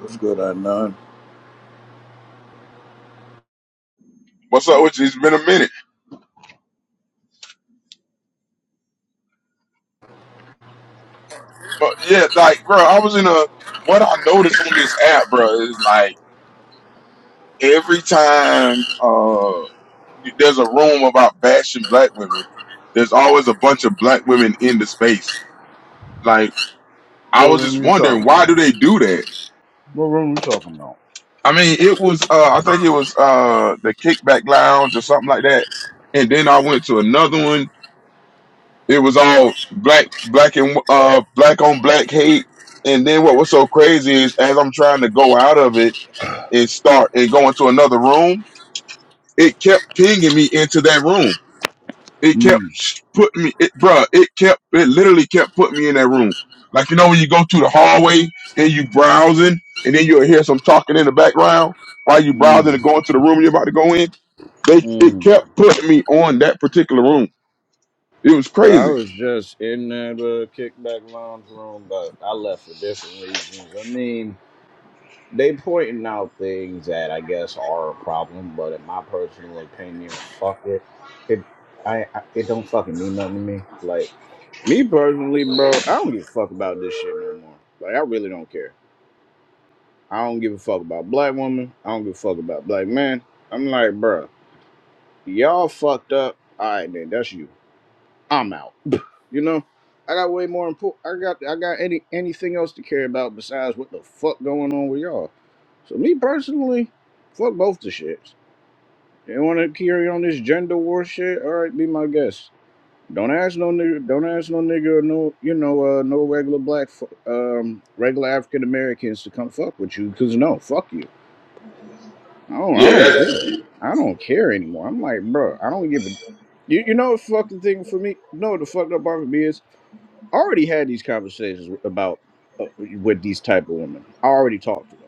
What's good, Adnan? What's up with you? It's been a minute. But yeah, like, bro, I was in a what I noticed on this app, bro, is like every time uh you- there's a room about bashing black women, there's always a bunch of black women in the space. Like, I What was just room you wondering talking why about? do they do that? What room you talking about? I mean, it was uh I think it was uh the kickback lounge or something like that. And then I went to another one It was all black, black and uh, black on black hate. And then what was so crazy is, as I'm trying to go out of it and start and go into another room, it kept pinging me into that room. It kept Mm, sh- putting me, it, bruh, It kept, it literally kept putting me in that room. Like you know when you go through the hallway and you browsing, and then you'll hear some talking in the background while you browsing and mm, going to the room you're about to go in. They, it mm. kept putting me on that particular room. It was I crazy. was just in that uh, kickback lounge room, but I left for different reasons. I mean, they pointing out things that I guess are a problem, but in my personal opinion, fuck it. It, I, I it don't fucking mean nothing to me. Like me personally, bro, I don't give a fuck about this shit no more. Like I really don't care. I don't give a fuck about black woman. I don't give a fuck about black man. I'm like, bruh, y'all fucked up. All right, then that's you. I'm out. You know, I got way more important. I got I got any anything else to care about besides what the fuck going on with y'all. So me personally, fuck both the shits. You want to carry on this gender war shit? All right, be my guest. Don't ask no nigga. Don't ask no nigga. Or no, you know, uh, no regular black, fo- um, regular African Americans to come fuck with you. Cause no, fuck you. Oh, I Yeah, don't care. I don't care anymore. I'm like, bro, I don't give a. You, you know what fucking thing for me? You know what the fucked up part for me is? I already had these conversations with- about uh, with these type of women. I already talked to them.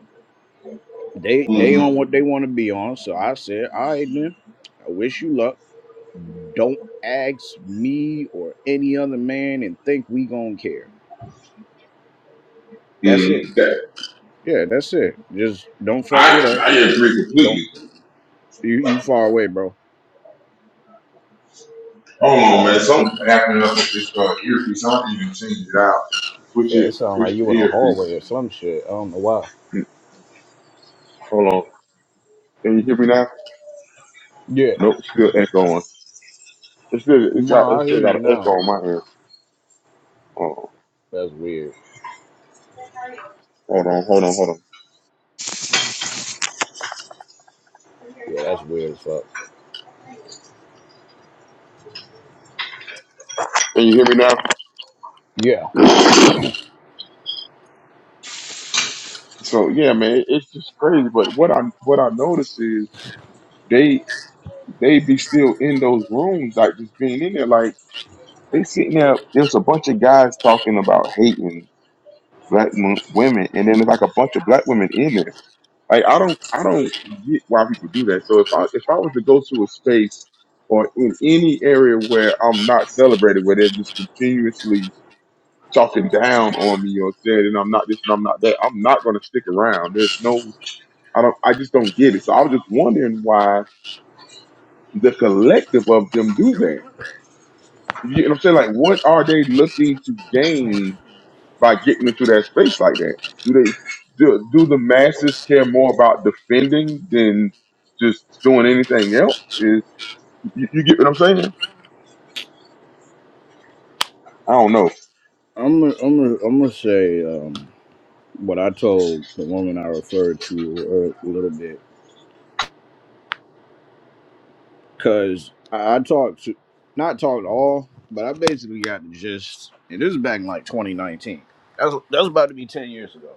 They they that. on what they want to be on. So I said, all right then. I wish you luck. Don't ask me or any other man and think we gonna care. That's it. Mm, that, Yeah, that's it. Just don't fuck with I I us. agree Don't completely. you you far away, bro. Hold on, man. Something's happening up with this uh, earpiece. I don't even change it out. Switch Yeah, it it. sounds Switch like the you in a earpiece. hallway or some shit. I don't know why. Mm, Hold on. Can you hear me now? Yeah, Nope. Still echoing. It's still it's got Ma, it's I still hear got you an echo now. on my ear. Oh, That's weird. hold on. Hold on. Hold on. Yeah, that's weird as fuck. Can you hear me now? Yeah, So yeah, man. It's just crazy. But what I what I notice is they they be still in those rooms, like just being in there, like they sitting there. There's a bunch of guys talking about hating black mo- women, and then there's like a bunch of black women in there. Like I don't, I don't get why people do that. So if I if I was to go to a space or in any area where I'm not celebrated, where they're just continuously talking down on me or saying and I'm not this and I'm not that, I'm not going to stick around. There's no, I don't, I just don't get it. So I was just wondering why the collective of them do that. You get what I'm saying? Like, what are they looking to gain? by getting into that space like that? Do they do, do the masses care more about defending than just doing anything else? Is you, you get what I'm saying? I don't know. I'm gonna, I'm gonna, I'm gonna say um, what I told the woman I referred to a little bit, cause I, I talked to, not talked at all, but I basically got the gist. And this is back in like 2019. That's that's about to be 10 years ago.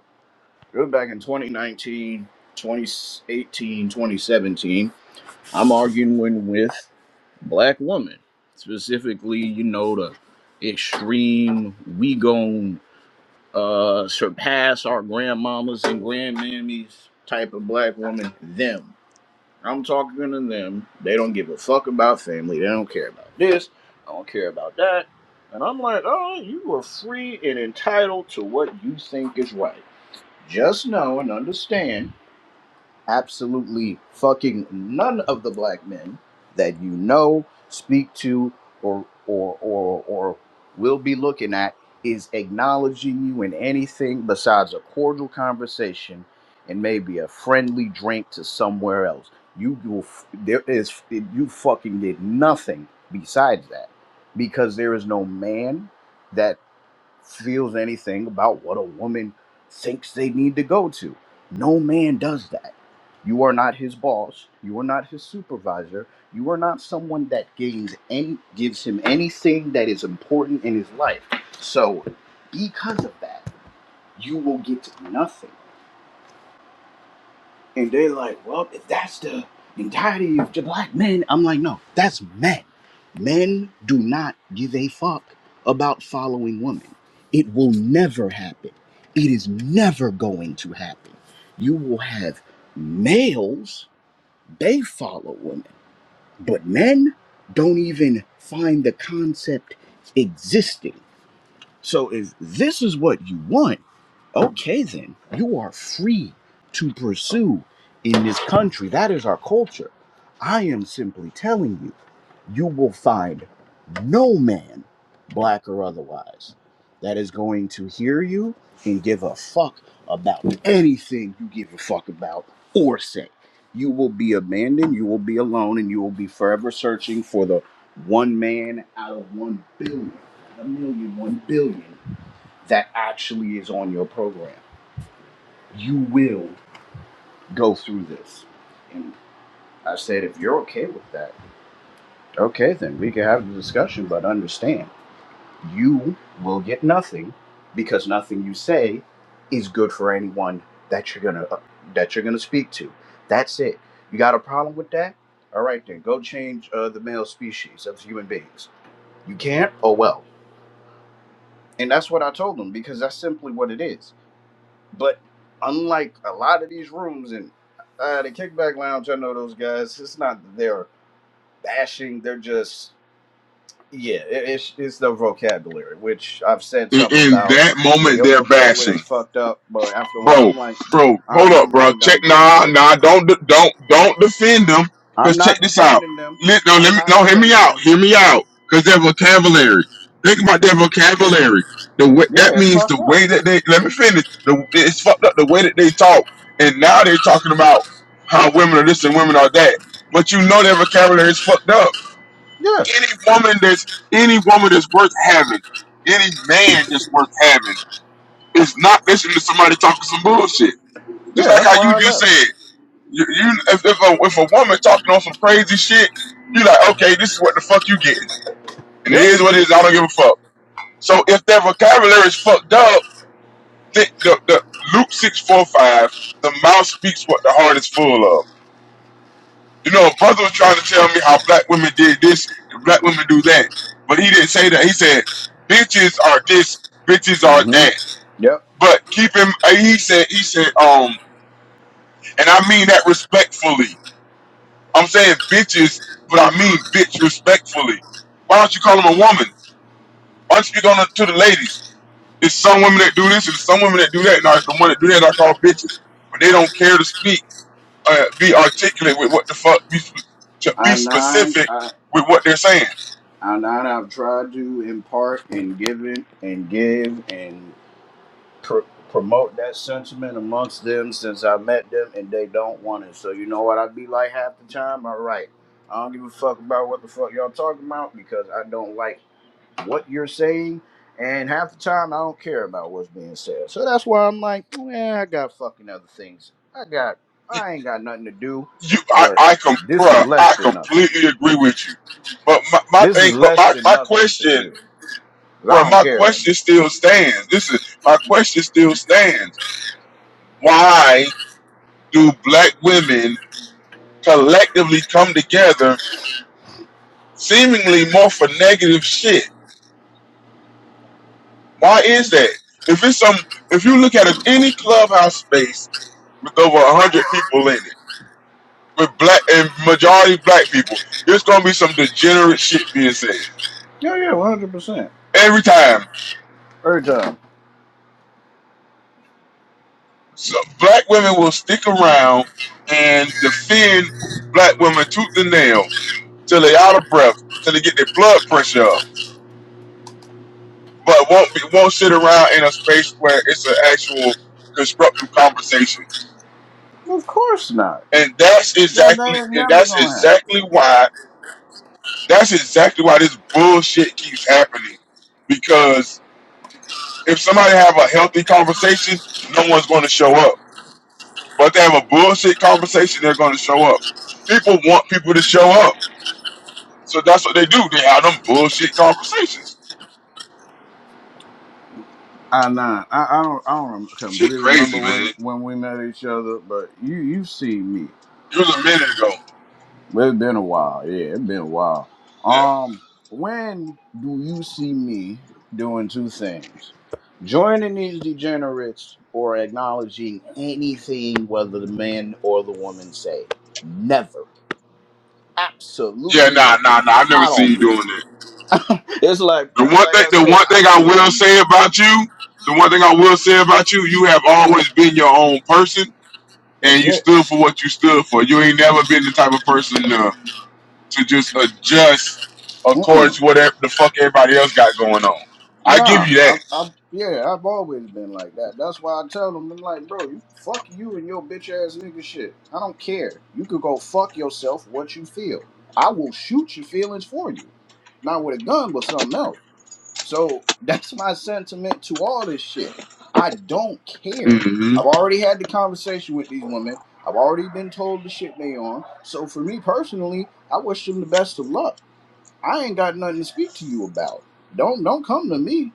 It was back in 2019, 2018, 2017. I'm arguing with black women, specifically, you know, the extreme, we gon' uh, surpass our grandmamas and grandmammies type of black woman, them. I'm talking to them. They don't give a fuck about family. They don't care about this. I don't care about that. And I'm like, oh, you are free and entitled to what you think is right. Just know and understand absolutely fucking none of the black men that you know, speak to, or or or or will be looking at is acknowledging you in anything besides a cordial conversation and maybe a friendly drink to somewhere else. You will f- there is you fucking did nothing besides that because there is no man that feels anything about what a woman thinks they need to go to. No man does that. You are not his boss. You are not his supervisor. You are not someone that gains any gives him anything that is important in his life. So because of that, you will get nothing. And they're like, well, if that's the entirety of the black men, I'm like, no, that's men. Men do not give a fuck about following women. It will never happen. It is never going to happen. You will have males, they follow women, but men don't even find the concept existing. So if this is what you want, okay, then you are free to pursue in this country. That is our culture. I am simply telling you, you will find no man, black or otherwise, that is going to hear you and give a fuck about anything you give a fuck about or say. You will be abandoned, you will be alone, and you will be forever searching for the one man out of one billion a million, one billion that actually is on your program. You will go through this. And I said, if you're okay with that, okay, then we can have the discussion, but understand you will get nothing because nothing you say is good for anyone that you're gonna uh, that you're gonna speak to. That's it. You got a problem with that? All right, then go change uh, the male species of human beings. You can't? Oh well. And that's what I told them because that's simply what it is But unlike a lot of these rooms and uh, the Kickback Lounge, I know those guys. It's not that they're bashing. They're just yeah. It, it's it's the vocabulary, which I've said In, something in about. that Yeah, moment, your they're vocabulary bashing. is fucked up. But after a while, bro, I'm like, bro, hold oh, up, I'm bro. I'm Check, done giving. nah, nah, don't, de- don't, don't defend them. I'm Cause check not this out. defending them. Let, no, I'm let me, not no, hear me defending. out, hear me out. Cause their vocabulary. Think about their vocabulary. The way, Yeah, that it's means fucked the up. way that they. Let me finish. The it's fucked up the way that they talk. And now they're talking about how women are this and women are that. But you know their vocabulary is fucked up. Yeah, Any woman that's any woman that's worth having, any man that's worth having, is not listening to somebody talking some bullshit. Just yeah. like That's how why you I just left. said, you, you if, if, a, if a woman talking on some crazy shit, you like, okay, this is what the fuck you getting, and it Yep. is what it is. I don't give a fuck. So if their vocabulary is fucked up, the, the, the Luke six four five, the mouth speaks what the heart is full of. You know, a brother was trying to tell me how black women did this and black women do that, but he didn't say that. He said, bitches are this, bitches are hmm that. Yep. But keep him. He said, he said, um, and I mean that respectfully. I'm saying bitches, but I mean bitch respectfully. Why don't you call them a woman? Why don't you speak on the, to the ladies? There's some women that do this, and some women that do that, and I, the one that do that I call bitches, but they don't care to speak, uh, be articulate with what the fuck, be, sp- to be I nine. specific I with what they're saying. I nine. I've tried to impart and given and give and. pr- promote that sentiment amongst them since I met them, and they don't want it. So you know what I be like half the time. All right, I don't give a fuck about what the fuck y'all talking about because I don't like what you're saying, and half the time I don't care about what's being said. So that's why I'm like, yeah, I got fucking other things. I got, You, I ain't got nothing to do, you- I, but I com, this is bruh, less I than nothing. completely agree with you. But my, my This thing, is but less my, than my nothing to question, do. 'Cause I bruh, don't my care no more. question still stands. This is my question still stands. Why do black women collectively come together seemingly more for negative shit. Why is that? If it's some, if you look at a, any clubhouse space with over a hundred people in it, with black and majority black people, there's gonna be some degenerate shit being said Yeah, yeah, one hundred percent. every time. Every time. So black women will stick around and defend black women tooth and nail till they out of breath, till they get their blood pressure up but won't be, won't sit around in a space where it's an actual constructive conversation. Of course not. And that's That exactly that is and never that's gonna happen. exactly why that's exactly why this bullshit keeps happening. Because if somebody have a healthy conversation, no one's going to show up. But if they have a bullshit conversation, they're going to show up. People want people to show up, so that's what they do. They have them bullshit conversations. I know. I, I don't. I don't. rem- Shit, Completely remember crazy man. when when we met each other, but you you've seen me. It was a minute ago. Well, It's been a while. Yeah, it's been a while. Yeah, Um, when do you see me doing two things? Joining these degenerates or acknowledging anything, whether the man or the woman say. Never. yeah, Absolutely nah, never. nah, nah. I've never I seen you don't. doing that. it's like The one like thing, I the said. one I thing I feel. will say about you, the one thing I will say about you, you have always been your own person, That's and you it. stood for what you stood for. You ain't never been the type of person to, to just adjust Mm-mm. according to whatever the fuck everybody else got going on. I give Nah, you that. I, I, yeah, I've always been like that. That's why I tell them, I'm like, bro, you fuck you and your bitch ass nigga shit. I don't care. You could go fuck yourself. What you feel, I will shoot your feelings for you, not with a gun, but something else. So that's my sentiment to all this shit. I don't care. hmm I've already had the conversation with these women. I've already been told the shit they on. So for me personally, I wish them the best of luck. I ain't got nothing to speak to you about. Don't don't come to me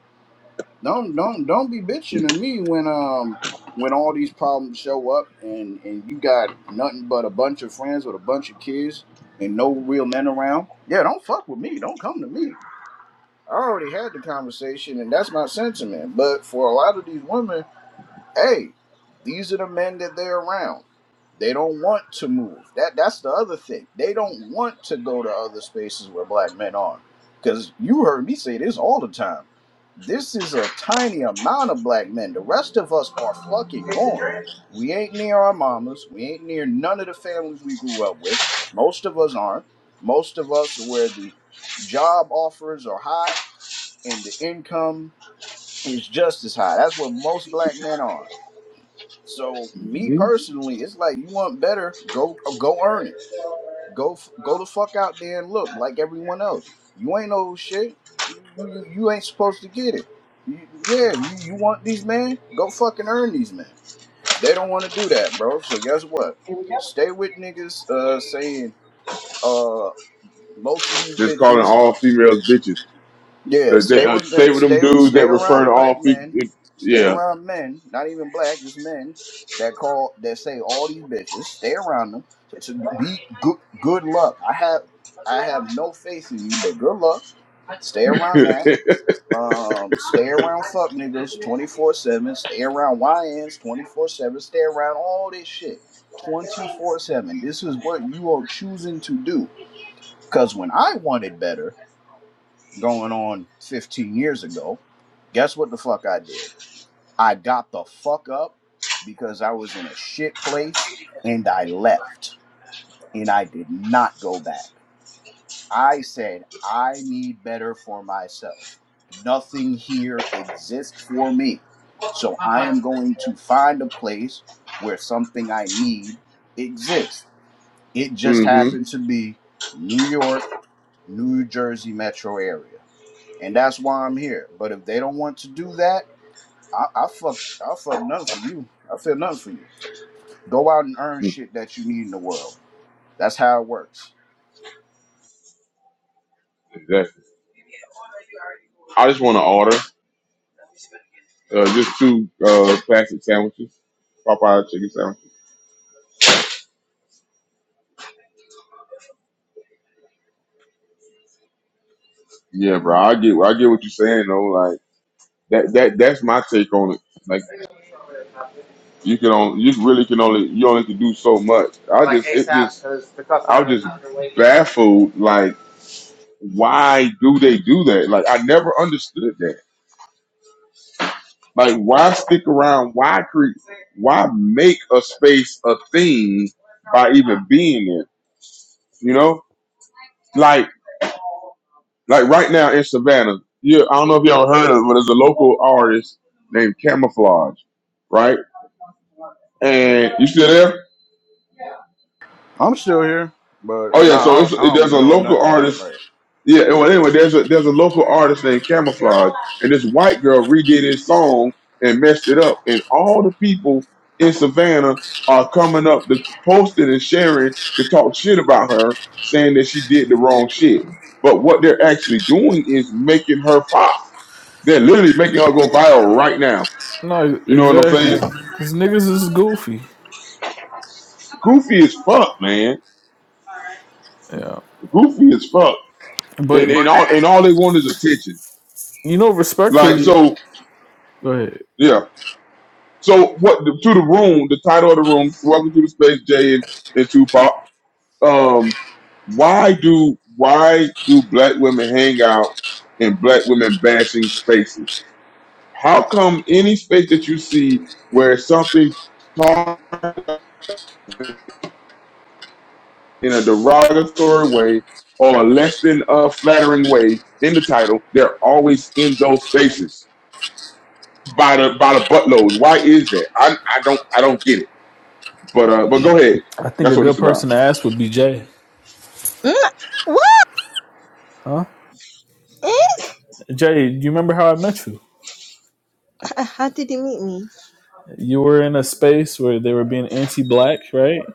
don't don't don't be bitching to me when um when all these problems show up and and you got nothing but a bunch of friends with a bunch of kids and no real men around. Yeah, don't fuck with me. Don't come to me. I already had the conversation and that's my sentiment. But for a lot of these women hey, these are the men that they're around. They don't want to move. That that's the other thing. They don't want to go to other spaces where black men are. Because you heard me say this all the time. This is a tiny amount of black men. The rest of us are fucking gone. We ain't near our mamas. We ain't near none of the families we grew up with. Most of us aren't. Most of us are where the job offers are high and the income is just as high. That's where most black men are so me hmm personally, it's like you want better, go go earn it. Go f- go the fuck out there and look like everyone else. You ain't no shit. You you, you ain't supposed to get it. You, yeah, you, you want these men? Go fucking earn these men. They don't want to do that, bro. So guess what? Stay with niggas uh, saying uh, most of these Just calling bitches all females bitches. Yeah, They, they, stay uh, with stay with them stay dudes stay that refer around to black all people. men, stay Yeah. around men, not even black, just men that call that say all these bitches. Stay around them. So, so be good. Good luck. I have I have no faith in you, but good luck. Stay around that. Um, stay around fuck niggas twenty four seven. Stay around YNs twenty four seven. Stay around all this shit twenty four seven. This is what you are choosing to do. Cause when I wanted better going on 15 years ago, guess what the fuck I did? I got the fuck up because I was in a shit place and I left and I did not go back. I said, I need better for myself. Nothing here exists for me. So I am going to find a place where something I need exists. It just hmm happened to be New York, New Jersey metro area and that's why I'm here. But if they don't want to do that, I, I fuck, I fuck nothing for you. I feel nothing for you. Go out and earn shit that you need in the world. That's how it works. Exactly. I just want to order uh, just two uh, classic sandwiches. Popeye chicken sandwich. Yeah, bro. I Mm. get I get what you're saying though. Like that that that's my take on it. Like you can only you really can only you only can do so much. I just it just I was just baffled. Like why do they do that? Like I never understood that. Like why stick around? Why create? Why make a space a thing by even being there? You know, like. Like right now in Savannah, you I don't know if y'all heard of, it, but there's a local artist named Camouflage, right? And you still there? I'm still here, Oh but yeah, nah, so I, it's don't, I it, don't there's be a knowing local nothing about artist. like. Yeah, well anyway, there's a there's a local artist named Camouflage, and this white girl redid his song and messed it up, and all the people in Savannah are coming up, the posting and sharing to talk shit about her, saying that she did the wrong shit. But what they're actually doing is making her fire. They're literally making her go viral right now. No, You know what I'm exactly. saying? Because niggas is goofy. Goofy as fuck, man. Yeah. Goofy as fuck. But, And, and all and all they want is attention. you know, Like respectfully, so, go ahead. yeah. So what to the room? The title of the room. Welcome to the space, Jay and, and Tupac. Um, why do why do black women hang out in black women bashing spaces? How come any space that you see where something in a derogatory way or a less than uh, flattering way in the title, they're always in those spaces by the by the buttload. Why is that? I I don't I don't get it. But uh, but go ahead. I think That's a what this good about. person to ask would be Jay. Mm, What? Huh? Eh? Jay, do you remember how I met you? How did he meet me? You were in a space where they were being anti black, right?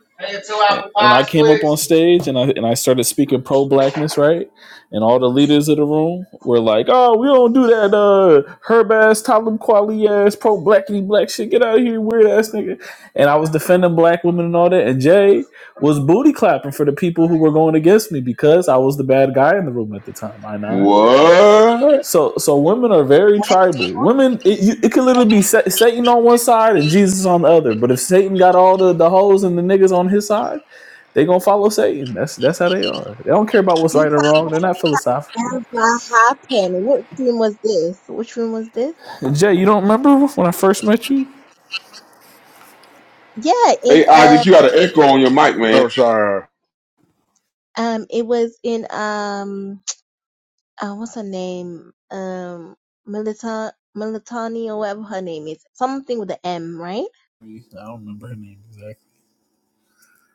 and I came up on stage and I and I started speaking pro blackness, right? And all the leaders of the room were like, "Oh, we don't do that, uh, herb ass, Talib Kweli ass, pro blackity black shit. Get out of here, weird ass nigga." And I was defending black women and all that. And Jay was booty clapping for the people who were going against me because I was the bad guy in the room at the time. I nine. What? So, so women are very What tribal. Women, it, you, it could literally be Sa- Satan on one side and Jesus on the other. But if Satan got all the the hoes and the niggas on his side they gonna follow Satan. That's that's how they are. They don't care about what's right or wrong. They're not philosophical. happened? What room was this? Which room was this? Jay, you don't remember when I first met you? Yeah, in Hey uh Isaac, you got an echo on your mic, man. Oh, sorry. um it was in um uh, what's her name? Um Milita Militani or whatever her name is. Something with the M, right? I don't remember her name exactly.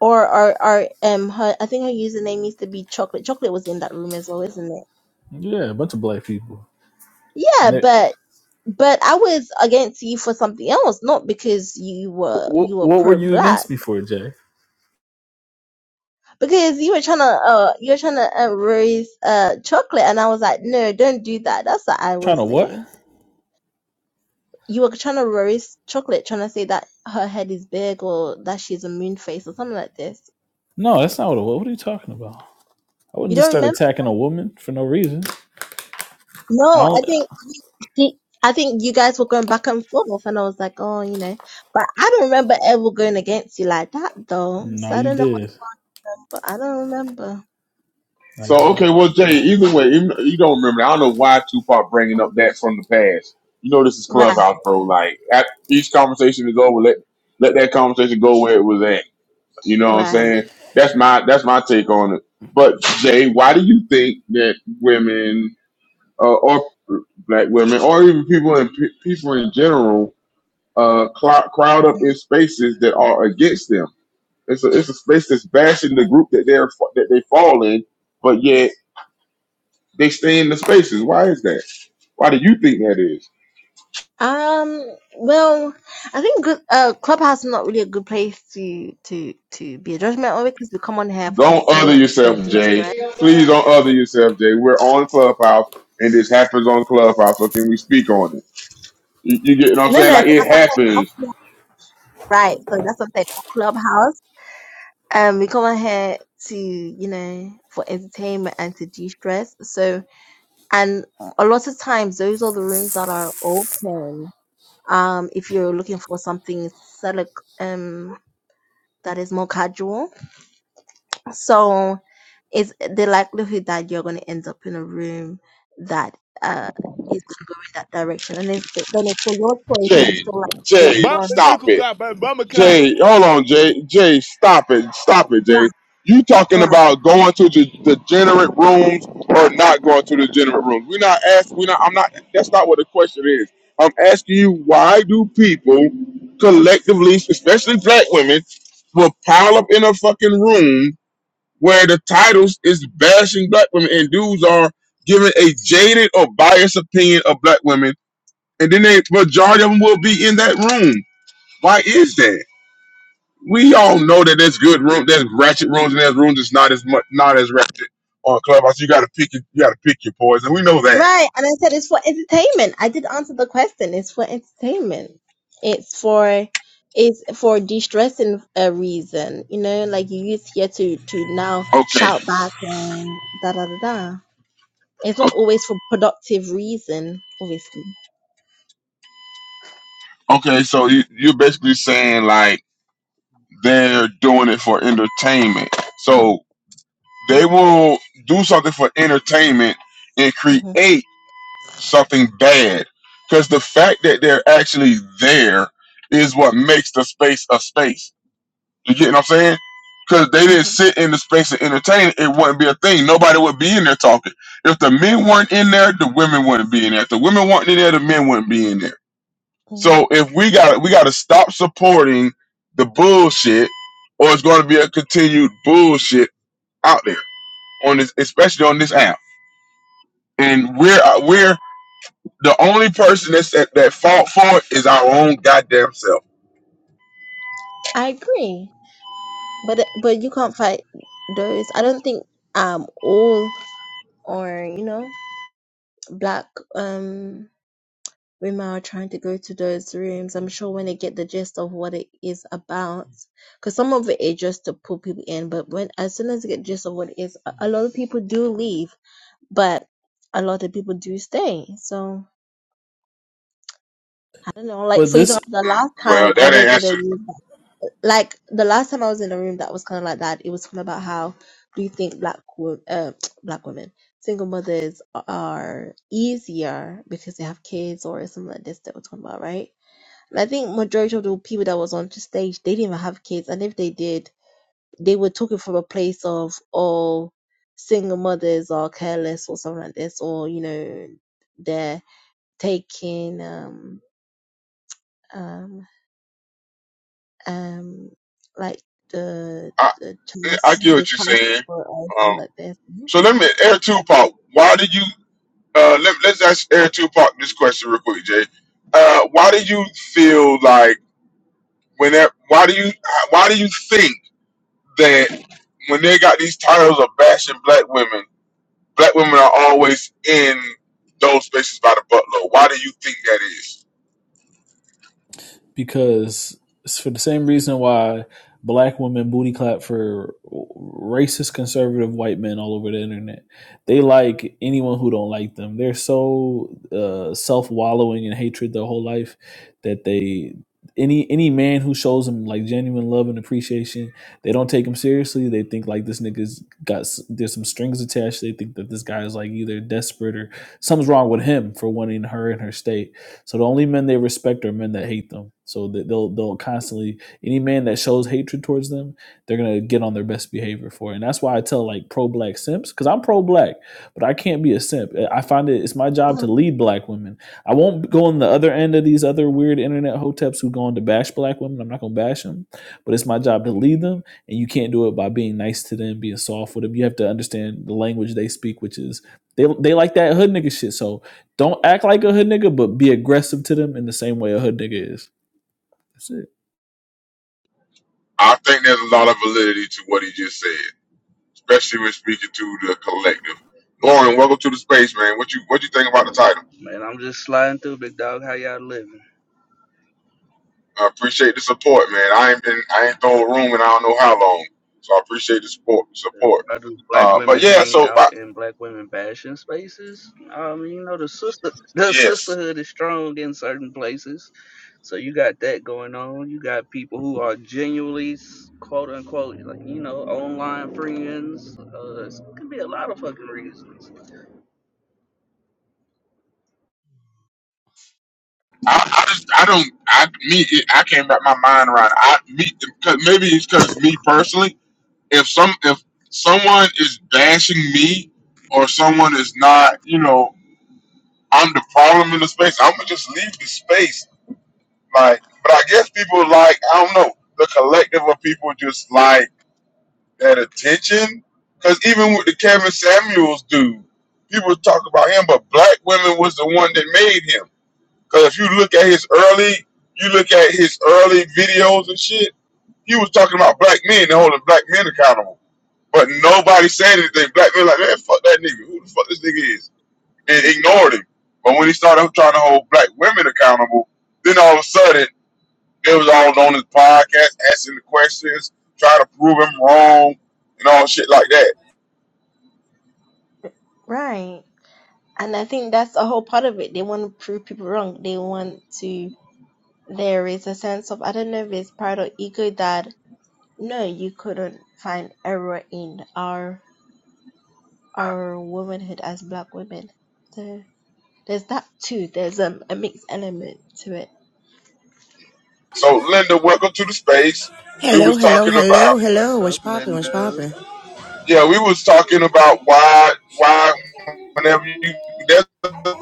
Or or or um her I think her username used to be chocolate. Chocolate was in that room as well, isn't it? Yeah, a bunch of black people. Yeah, And they, but but I was against you for something else, not because you were what you were what were pro you black. against me for, Jay? Because you were trying to uh you were trying to uh, roast uh chocolate, and I was like, no, don't do that. That's what I Trying to was what? saying. You were trying to roast chocolate, trying to say that her head is big or that she's a moon face or something like this. No, that's not what it was. What are you talking about? I You wouldn't just don't start remember? attacking a woman for no reason. I No, only, I think she. I think you guys were going back and forth, and I was like, oh, you know, but I don't remember ever going against you like that though. no, So I you don't know. did. but I don't remember. I So okay, did. well Jay, either way, even, you don't remember. That. I don't know why Tupac bringing up that from the past. You know this is Right, Clubhouse, bro. Like at, each conversation is over. Let let that conversation go where it was at You know what I'm right. saying? That's my that's my take on it. But Jay, why do you think that women uh, or black women or even people in pe- people in general uh, clou- crowd up in spaces that are against them? It's a it's a space that's bashing the group that they're fa- that they fall in, but yet they stay in the spaces. Why is that? Why do you think that is? Um, well, I think good, uh, Clubhouse is not really a good place to to to be a judgment on it because we come on here for Don't other entertainment to yourself, Jay. de-stress. Please don't other yourself, Jay. We're on Clubhouse, and this happens on Clubhouse. So can we speak on it? You, you get what I'm No, no, saying? Like so it that's what I'm happens. saying. Right, so that's what I'm saying. Clubhouse. Um, we come on here to you know for entertainment and to de-stress. So, and a lot of times those are the rooms that are open. Um, if you're looking for something select um that is more casual So it's the likelihood that you're going to end up in a room that uh, is going to go in that direction. And it's, then it's for your choice if you Jay, feel like it's Jay, Bomba gone. do you stop could it. grab bomba clock. Jay, hold on, Jay, Jay, stop it, stop it, Right, Jay. You talking right. about going to the degenerate rooms or not going to the degenerate rooms? We're not asking. We're not. I'm not. That's not what the question is. I'm asking you why do people collectively, especially black women, will pile up in a fucking room where the titles is bashing black women and dudes are giving a jaded or biased opinion of black women and then the majority of them will be in that room. Why is that? We all know that there's good room, there's ratchet rooms, and there's rooms that's not as much, not as ratchet on Clubhouse. You got to pick, your, you got to pick your poison. We know that. Right. And I said it's for entertainment. I did answer the question. It's for entertainment. It's for it's for de-stressing a reason. You know, like you use here to to now Okay, shout back and da da da da. It's not always for productive reason, obviously. O- okay. So you, you're basically saying like they're doing it for entertainment. So they will do something for entertainment and hmm create something bad because the fact that they're actually there is what makes the space a space You get what I'm saying? Because they didn't hmm sit in the space and entertain, it wouldn't be a thing. Nobody would be in there talking. If the men weren't in there, the women wouldn't be in there. If the women weren't in there, the men wouldn't be in there. hmm So if we got to we got to stop supporting the bullshit, or it's going to be a continued bullshit out there on this, especially on this app. And we're uh, we're the only person that's that, that fought for it is our own goddamn self. I agree, but but you can't fight those. I don't think um all or you know black um women are trying to go to those rooms. I'm sure when they get the gist of what it is about, because some of it is just to pull people in, but when as soon as they get the gist of what it is, a a lot of people do leave, but a lot of people do stay. So I don't know. Like But for this example, the last time Well, I that ain't was in a answer. room, like the last time I was in a room that was kind of like that. It was talking about how do you think black wo- uh, black women single mothers are easier because they have kids or something like this that we're talking about, right? And I think majority of the people that was on the stage, they didn't even have kids, and if they did, they were talking from a place of oh, single mothers are careless or something like this, or you know, they're taking um um um like the I the child I get the what you're child saying. support or Um, something like this. So let me air Tupac. Why did you? Uh, let, let's ask air Tupac this question real quick, Jay. Uh, why do Mhm. you feel like when that? Why do you? Why do you think that when they got these titles of bashing black women, black women are always in those spaces by the buttload? Why do you think that is? because it's for the same reason why black women booty clap for racist conservative white men all over the internet. They like anyone who don't like them. They're so uh, self wallowing in hatred their whole life that they any any man who shows them like genuine love and appreciation, they don't take him seriously. They think like this nigga's got s- there's some strings attached. They think that this guy is like either desperate or something's wrong with him for wanting her in her state so the only men they respect are men that hate them. So they'll they'll constantly any man that shows hatred towards them, they're gonna get on their best behavior for it. And that's why I tell like pro black simps because I'm pro black, but I can't be a simp. I find it it's my job to lead black women. I won't go on the other end of these other weird internet hoteps who go on to bash black women. I'm not gonna bash them, but it's my job to lead them, and you can't do it by being nice to them, being soft with them. You have to understand the language they speak, which is they they like that hood nigga shit. So don't act like a hood nigga, but be aggressive to them in the same way a hood nigga is. That's it. I think there's a lot of validity to what he just said, especially when speaking to the collective. Lauren, welcome to the space, man. What you What you think about the title? Man, I'm just sliding through, big dog. How y'all living? I appreciate the support, man. I ain't been I ain't thrown a room in I don't know how long, so I appreciate the support. So, Support. why do black Uh, but women yeah, hang so I, out in black women fashion spaces? I mean, you know, the sister, the yes, sisterhood is strong in certain places. So you got that going on. You got people who are genuinely s- quote unquote, like you know, online friends. Uh, it could be a lot of fucking reasons. I, I just I don't I me I can't wrap my mind around. It. I me cause maybe it's because it's me personally. If some if someone is bashing me or someone is not, you know, I'm the problem in the space. I'm gonna just leave the space. Like, but I guess people like I don't know the collective of people just like. that attention. Because even with the Kevin Samuels dude, people talk about him, but black women was the one that made him. Because if you look at his early, you look at his early videos and shit, he was talking about black men and holding black men accountable. But nobody said anything. Black men like, man, fuck that nigga. Who the fuck this nigga is? And ignored him. But when he started trying to hold black women accountable, then all of a sudden, they was all on his podcast, asking the questions, trying to prove him wrong, and all shit like that Right. And I think that's a whole part of it. They want to prove people wrong. They want to, there is a sense of, I don't know if it's pride or ego that, no, you couldn't find error in our, our womanhood as black women. So there's that too. There's um, a mixed element to it. So, Linda, welcome to the space. We Hello, was hello, talking hello, about, hello. What's What's up, poppin'? What's Linda? poppin'? yeah, we was talking about why, why, whenever you, there's a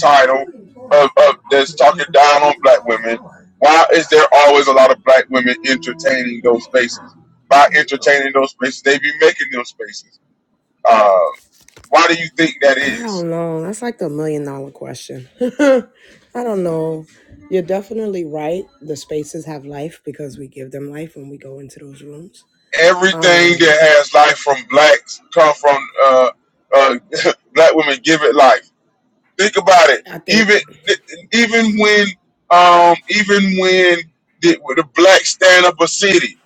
title of, of that's talking down on black women. Why is there always a lot of black women entertaining those spaces? By entertaining those spaces, they be making those spaces. Uh, why do you think that I is? don't know. That's like the million dollar question. I don't know. You're definitely right. The spaces have life because we give them life when we go into those rooms. Everything Um, that has life from blacks come from uh, uh, black women give it life. Think about it. I think Even even when um even when the, the blacks stand up a city,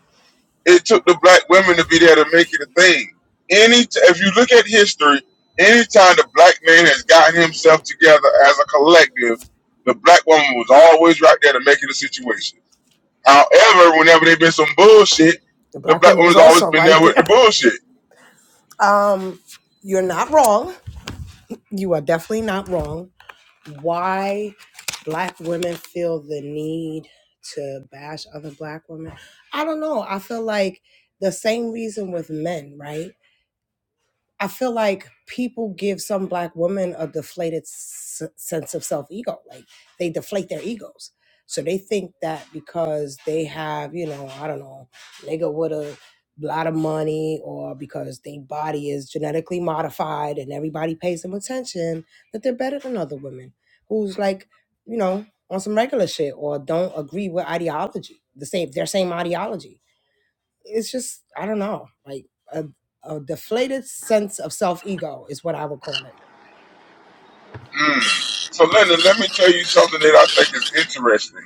it took the black women to be there to make it a thing. Any t- if you look at history, anytime the black man has gotten himself together as a collective, the black woman was always right there to make it a situation. However, whenever there been some bullshit, the the black black woman was woman's always also been there right with there. the bullshit. Um, you're not wrong. You are definitely not wrong. Why black women feel the need to bash other black women? I don't know. I feel like the same reason with men, right? I feel like people give some black women a deflated s- sense of self ego. Like they deflate their egos. So they think that because they have, you know, I don't know, nigga with a lot of money or because their body is genetically modified and everybody pays them attention, that they're better than other women who's like, you know, on some regular shit or don't agree with ideology, the same, their same ideology it's just I don't know, like a, a deflated sense of self ego is what I would call it. Mm. So, Linda, let me tell you something that I think is interesting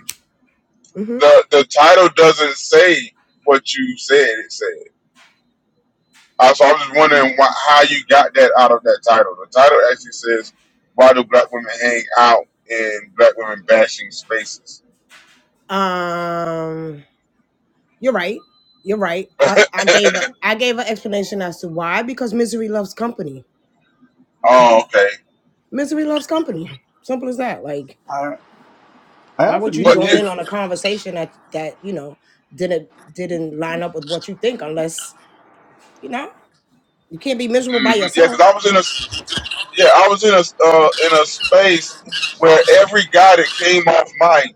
hmm the the title doesn't say what you said it said. Uh, so I'm just wondering why, how you got that out of that title. The title actually says, "Why do black women hang out in black women bashing spaces?" Um, you're right. You're right. I, I gave a I gave an explanation as to why because misery loves company. Oh, okay. Misery loves company. Simple as that. Like, I I why have a would you But new you, join in on a answer. conversation that that you know didn't didn't line up with what you think unless you know you can't be miserable by hmm yeah, because yourself, I was in a s- yeah, I was in a s- uh, in a space where every guy that came off mic.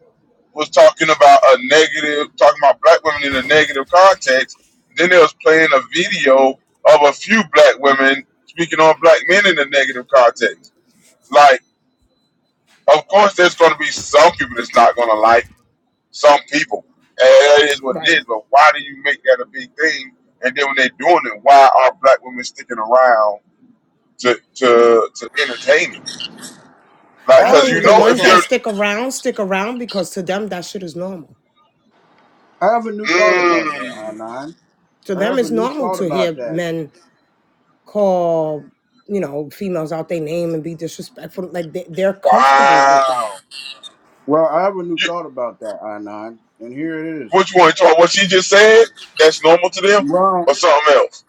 was talking about a negative, talking about black women in a negative context. Then they was playing a video of a few black women speaking on black men in a negative context. Like, of course, there's going to be some people that's not going to like some people. And that is what it right? is. But why do you make that a big thing? And then when they're doing it, why are black women sticking around to to to entertain it? Like, I I because have you think a the new know, ones if that you're, thought. stick around stick around because to them that shit is normal I have a new thought about that, I mm, nine. to I them have a it's new normal thought to about hear that. men call you know females out their name and be disrespectful like they, they're comfortable with that wow, Well, I have a you, new thought about that, I nine, and here it is. Which one? Try what she just said? That's normal to them, Ron, or something else?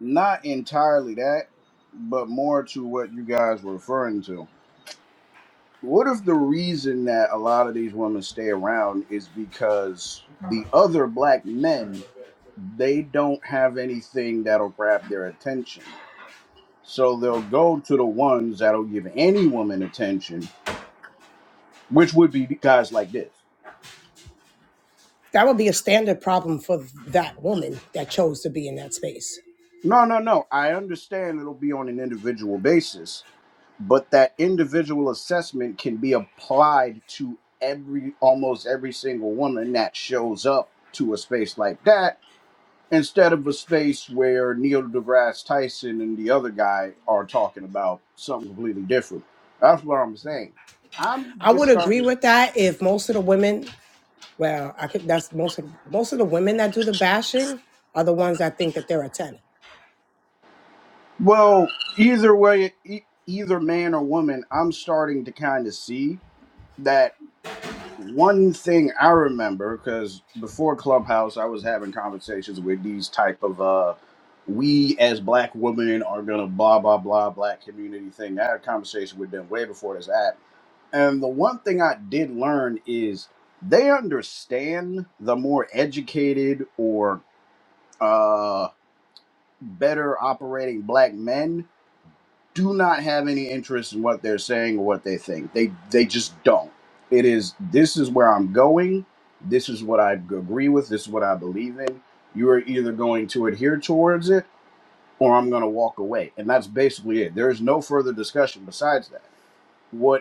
Not entirely that, but more to what you guys were referring to. What if the reason that a lot of these women stay around is because the other black men they don't have anything that'll grab their attention. So they'll go to the ones that'll give any woman attention, which would be guys like this. that would be a standard problem for that woman that chose to be in that space No, no, no. I understand it'll be on an individual basis, but that individual assessment can be applied to every almost every single woman that shows up to a space like that instead of a space where Neil deGrasse Tyson and the other guy are talking about something completely different. That's what I'm saying. I'm i just would agree starting. with that if most of the women well i could that's most of most of the women that do the bashing are the ones that think that they're a 10 Well, either way, e- either man or woman, I'm starting to kind of see that. one thing I remember because before Clubhouse, I was having conversations with these type of uh, we as black women are gonna blah blah blah black community thing. I had a conversation with them way before this app, and the one thing I did learn is they understand the more educated or uh, better operating black men do not have any interest in what they're saying or what they think. They they just don't. It is this is where I'm going. This is what I agree with. This is what I believe in. You are either going to adhere towards it or I'm going to walk away. And that's basically it. There is no further discussion besides that. What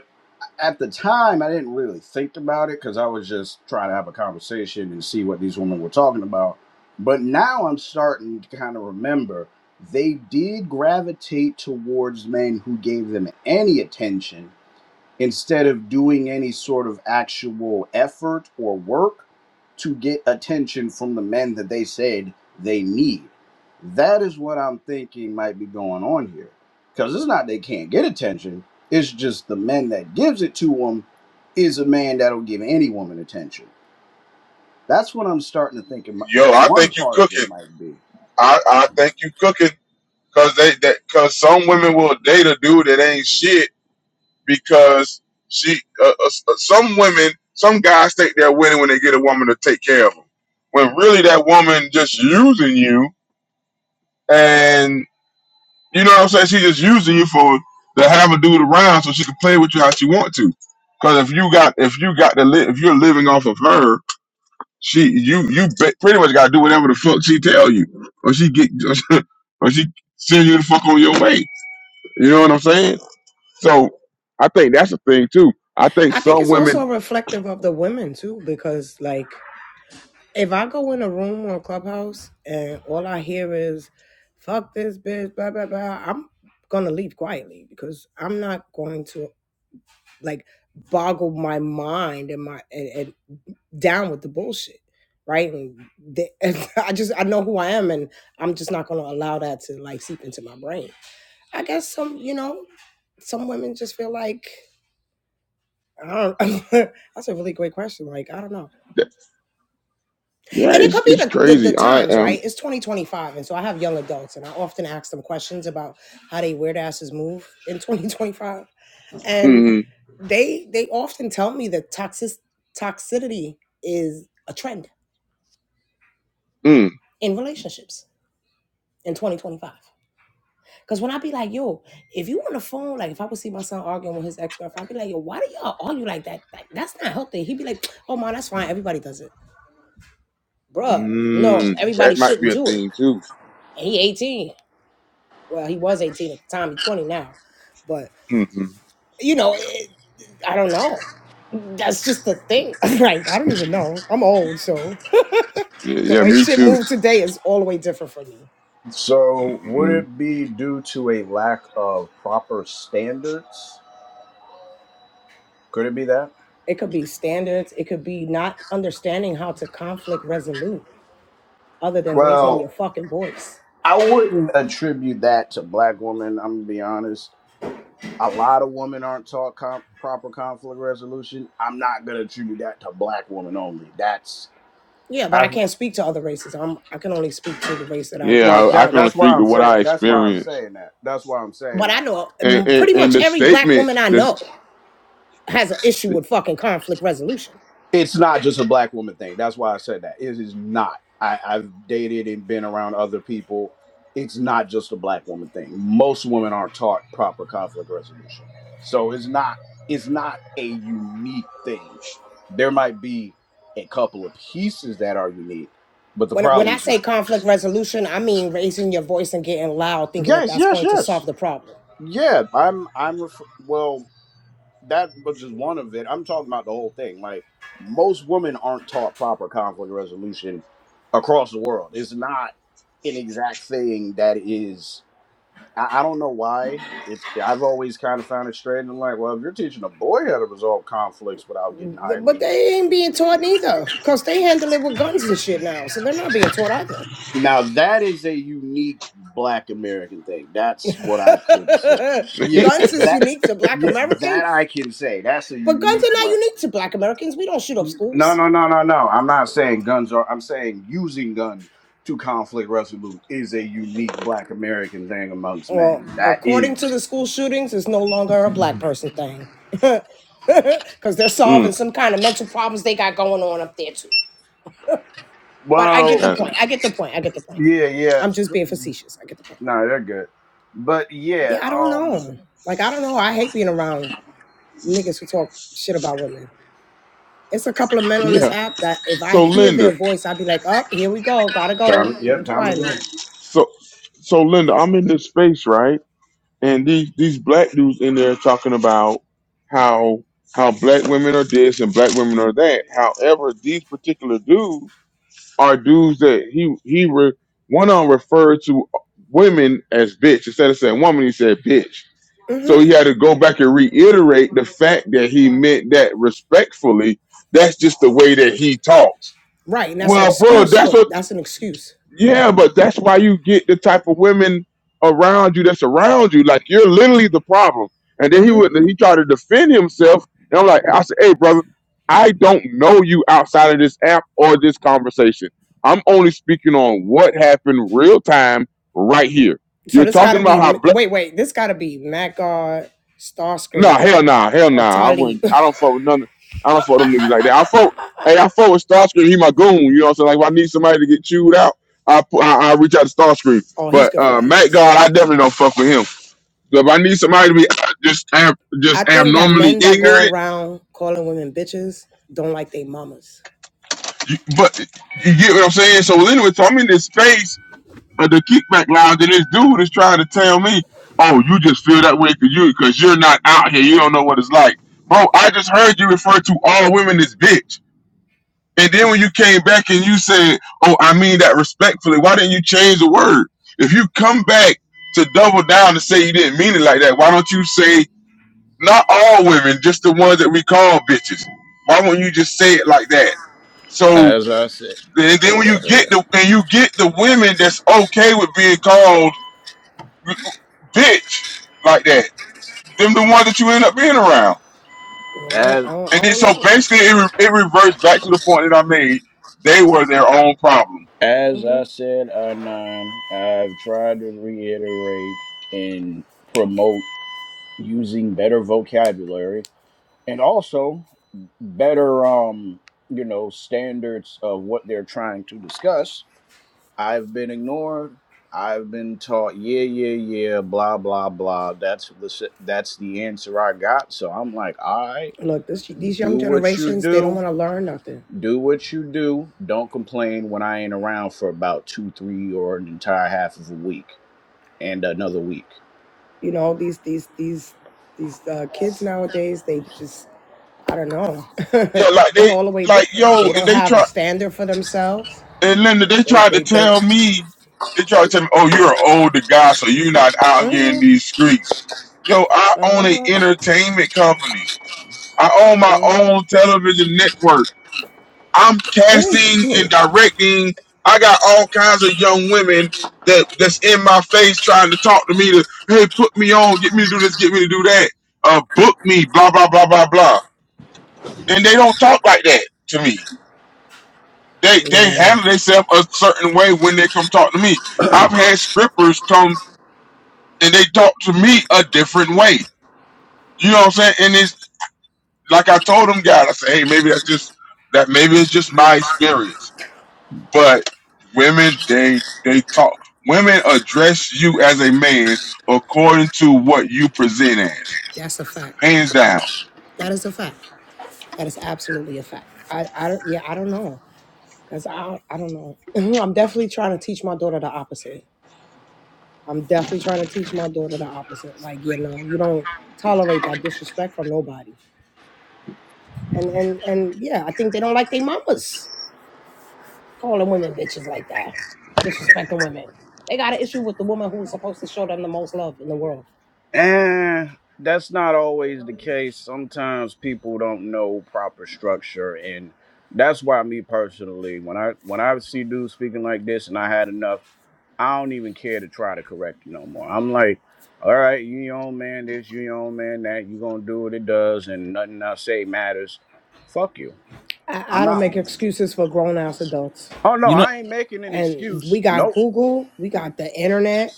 at the time, I didn't really think about it because I was just trying to have a conversation and see what these women were talking about. But now I'm starting to kind of remember they did gravitate towards men who gave them any attention instead of doing any sort of actual effort or work to get attention from the men that they said they need. That is what I'm thinking might be going on here. Because it's not they can't get attention, it's just the men that gives it to them is a man that'll give any woman attention. That's what I'm starting to think it mi- Yo, I one think you part of cooking. it might be. I, I think you cooking because they that because some women will date a dude that ain't shit because she. Uh, uh, s- uh, some women, some guys think they're winning when they get a woman to take care of them, when really that woman just using you, and you know what I'm saying? She just using you for to have a dude around so she can play with you how she want to. Because if you got if you got to live if you're living off of her She, you, you ba- pretty much gotta do whatever the fuck she tell you, or she get, or she send you the fuck on your way. You know what I'm saying? So I think that's a thing too. I think i think some it's also women, reflective of the women too because like if I go in a room on Clubhouse and all I hear is "fuck this bitch," blah blah blah, I'm gonna leave quietly because I'm not going to like boggle my mind and my and, and down with the bullshit, right? And, the and I just I know who I am, and I'm just not gonna allow that to like seep into my brain. I guess some you know some women just feel like I don't. That's a really great question. Like I don't know. th- yeah, And it it's could be it's the, the, the crazy. I times, am, right? It's 2025. And so I have young adults, and I often ask them questions about how they weird asses move in 2025. And mm, they they often tell me that toxic, toxicity is a trend mm, in relationships in 2025. Because when I be like, yo, if you on the phone, like if I would see my son arguing with his ex girlfriend, I'd be like, yo, why do y'all argue like that? Like, that's not healthy. He'd be like, oh, man, that's fine. Everybody does it. Bruh, no, mm, everybody that might be shouldn't a do it. thing too. And he 18. Well, he was 18 at the time, he's 20 now. But, hmm you know, it, I don't know. That's just the thing. like, I don't even know. I'm old, so Yeah, the yeah, way me shit too. moved today is all the way different for me. So, would hmm it be due to a lack of proper standards? Could it be that? It could be standards, it could be not understanding how to conflict resolute other than raising your Well. fucking voice. I wouldn't attribute that to black women. I'm gonna be honest. A lot of women aren't taught com- proper conflict resolution. I'm not gonna attribute that to black women only. That's Yeah, but I, I can't speak to other races. I'm I can only speak to the race that I, Yeah, I'm well, a I, I that part can only of. that's why speak to I'm what saying I that's why I'm experienced, saying that. That's why I'm saying But I that. like, know and mm, and, pretty and much the every black statement, woman I this, know has an issue with fucking conflict resolution it's not just a black woman thing. That's why I said that. It is not. I, I've dated and been around other people. It's not just a black woman thing. Most women aren't taught proper conflict resolution. So it's not it's not a unique thing. There might be a couple of pieces that are unique, but the When, when I problem's say not. conflict resolution, I mean raising your voice and getting loud, thinking that Yes, that's yes, going to solve yes. the problem. Yeah, I'm I'm ref- well that was just one of it. I'm talking about the whole thing. Like most women aren't taught proper conflict resolution across the world. It's not an exact thing that is. I, I don't know why. It's I've always kind of found it strange. I'm like, well, if you're teaching a boy how to resolve conflicts without getting But highly they ain't being taught neither, cause they handle it with guns and shit now, so they're not being taught either. now, that is a unique Black American thing. That's what I could say. Yeah, guns is that. unique to Black Yeah, Americans, that I can say. That's a but guns unique are not Black. unique to Black Americans. We don't shoot up No, schools. no, no, no, no. I'm not saying guns are. I'm saying using guns to conflict resolute is a unique Black American thing amongst Well, men. That is. according to the school shootings, it's no longer a Black person thing, cause they're mm, solving some kind of mental problems they got going on up there too. But I Well, get the that- point. I get the point. I get the point. yeah, yeah. I'm just s- being facetious. I get the point. No, they're good. But Yeah, yeah, I don't um. know. Like I don't know. I hate being around niggas who talk shit about women. It's a couple of men on this yeah. app that if I So hear Linda. their voice, I'd be like, "Up, here we go. Gotta go. Time, yep, Leave time to go. quietly." So, so Linda, I'm in this space, right? And these these black dudes in there talking about how how black women are this and black women are that. However, these particular dudes are dudes that he he re, one on referred to women as bitch instead of saying woman, he said bitch. So Mm-hmm. he had to go back and reiterate the fact that he meant that respectfully. That's just the way that he talks. Right, and that's an Well, bro, excuse that's for what that's an excuse. yeah, but that's why you get the type of women around you that's around you. Like you're literally the problem. And then he Mm-hmm. would he tried to defend himself. And I'm like, I said, hey brother, I don't know you outside of this app or this conversation. I'm only speaking on what happened real time right here. So You're this talking gotta about be how wait, wait. This gotta be Matt Guard, Nah, Starscream, hell nah, hell or nah. I Talib. wouldn't. I don't fuck with none. I don't fuck with them niggas like that. I fuck. Hey, I fuck with Starscream. He my goon. You know what I'm saying? Like if I need somebody to get chewed out, I pu- I, I reach out to Starscream. oh, he's But good for uh, that. Matt Yes, God, I definitely don't fuck with him. So if I need somebody to be uh, just ab- I just think that abnormally men that go ignorant, around calling women bitches don't like their mamas. you, but you get what I'm saying. So anyway, so I'm in this space of the kickback lounge, and this dude is trying to tell me, "Oh, you just feel that way because you because you're not out here. You don't know what it's like." Bro, I just heard you refer to all women as bitch. And then when you came back and you said, "Oh, I mean that respectfully," why didn't you change the word? If you come back to double down and say you didn't mean it like that, why don't you say not all women, just the ones that we call bitches? Why won't you just say it like that? So As I said, and then hold when you up, yeah. get the and you get the women that's okay with being called bitch like that, them the ones Yeah, that you end up being around. you know, As I don't, I And then don't so I basically it, re- it reverts back to the point that I made. They were their own problem as do I said, I nine. I've tried to reiterate and promote using better vocabulary and also better um you know standards of what they're trying to discuss i've been ignored i've been taught yeah yeah yeah blah blah blah that's the that's the answer i got so i'm like all right look this, these do young what you generations they don't do want to learn nothing do what you do don't complain when i ain't around for about two three or an entire half of a week and another week you know these these these these uh, kids nowadays they just i don't know Yeah, like they they, all the way like different yo, they and don't they have a try, standard for themselves and Linda, they they tried to they they're tell me, they tried to tell me, oh, you're an older guy, so you're not out here in uh-huh these streets. Yo, I own an uh-huh entertainment company. I own my mm. own television network. I'm casting and directing. I got all kinds of young women that that's in my face trying to talk to me to, hey, put me on, get me to do this, get me to do that, uh, book me, blah blah blah blah blah, and they don't talk like that to me. they they yeah handle themselves a certain way when they come talk to me. I've had scrippers come and they talk to me a different way. You know what I'm saying? And it's like I told them guys, I said, hey, maybe that's just that maybe it's just my experience. But women, they they talk women address you as a man according to what you present as. that's a fact Hands down. that is a fact that is absolutely a fact i i don't yeah i don't know because i i don't know i'm definitely trying to teach my daughter the opposite I'm definitely trying to teach my daughter the opposite. Like, you know, you don't tolerate that disrespect from nobody. And and and yeah, I think they don't like their mamas calling women bitches like that, disrespecting women. They got an issue with the woman who's supposed to show them the most love in the world. Eh, that's not always the case. Sometimes people don't know proper structure, and that's why me personally, when I when I see dudes speaking like this, and I had enough, I don't even care to try to correct you no more. I'm like, all right, you your own man this, you your own man that. You gonna do what it does, and nothing I say matters. Fuck you. I, I I'm don't make out. excuses for grown ass adults. Oh no, You know, I ain't making an And we excuse. got Nope. Google, we got the internet.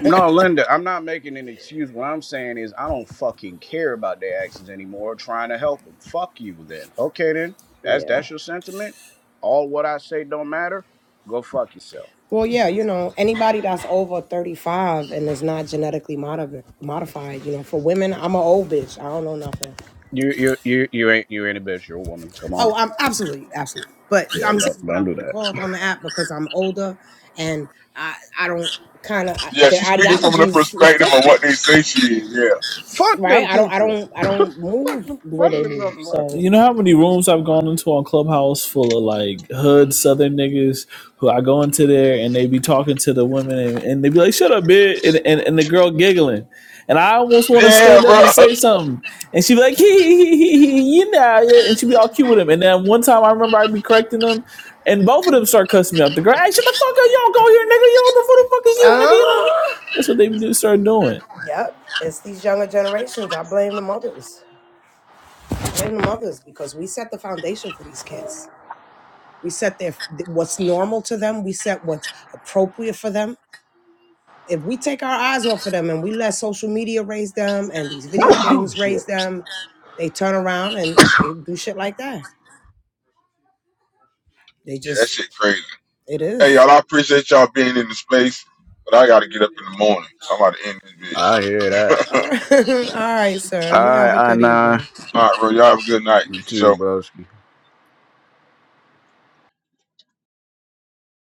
No, Linda, I'm not making an excuse. What I'm saying is, I don't fucking care about their actions anymore. Trying to help them, fuck you. Then, okay, then that's yeah. that's your sentiment. All what I say don't matter. Go fuck yourself. Well, yeah, you know, anybody that's over 35 and is not genetically modi- modified, you know, for women, I'm a old bitch. I don't know nothing. You you you you ain't you ain't a bitch. You're a woman. Come Oh, on. I'm absolutely, absolutely. But Yeah, I'm saying this is don't what don't I've do been that. called on the app because I'm older and I, I don't kind of, Yeah, their she's speaking from the ideologies is perspective of different, what they say she is. Yeah. Fuck right? them I don't, I people. don't, I don't Fuck move them. the way Fuck they them move. motherfuckers. So, You know how many rooms I've gone into on Clubhouse full of like hood Southern niggas who I go into there and they be talking to the women and, and they be like, "Shut up, bitch," and, and and the girl giggling, and I almost want to Yeah, stand up bro. and say something, and she be like, "Hee hee hee hee," hee, you know, yeah," and she be all cute with him, and then one time I remember I be correcting them, and both of them start cussing me out. The girl, "Hey, shut the fuck up, you don't go here, nigga, you don't, who the fuck is you, nigga?" You uh, know, that's what they be do- start doing. yep, it's these younger generations. I blame the mothers. I blame the mothers because we set the foundation for these kids We set their what's normal to them. We set what's appropriate for them. If we take our eyes off of them and we let social media raise them and these video oh games raise shit. them, they turn around and they do shit like that. They Yeah, that just shit crazy. it Hey y'all, is. I appreciate y'all being in the space, but I gotta get up in the morning, so I'm about to end this I hear that. All bitch. right, All right sir. All You have a right, I good nah. evening. All right, bro, y'all have a good night You for too, sure. bro.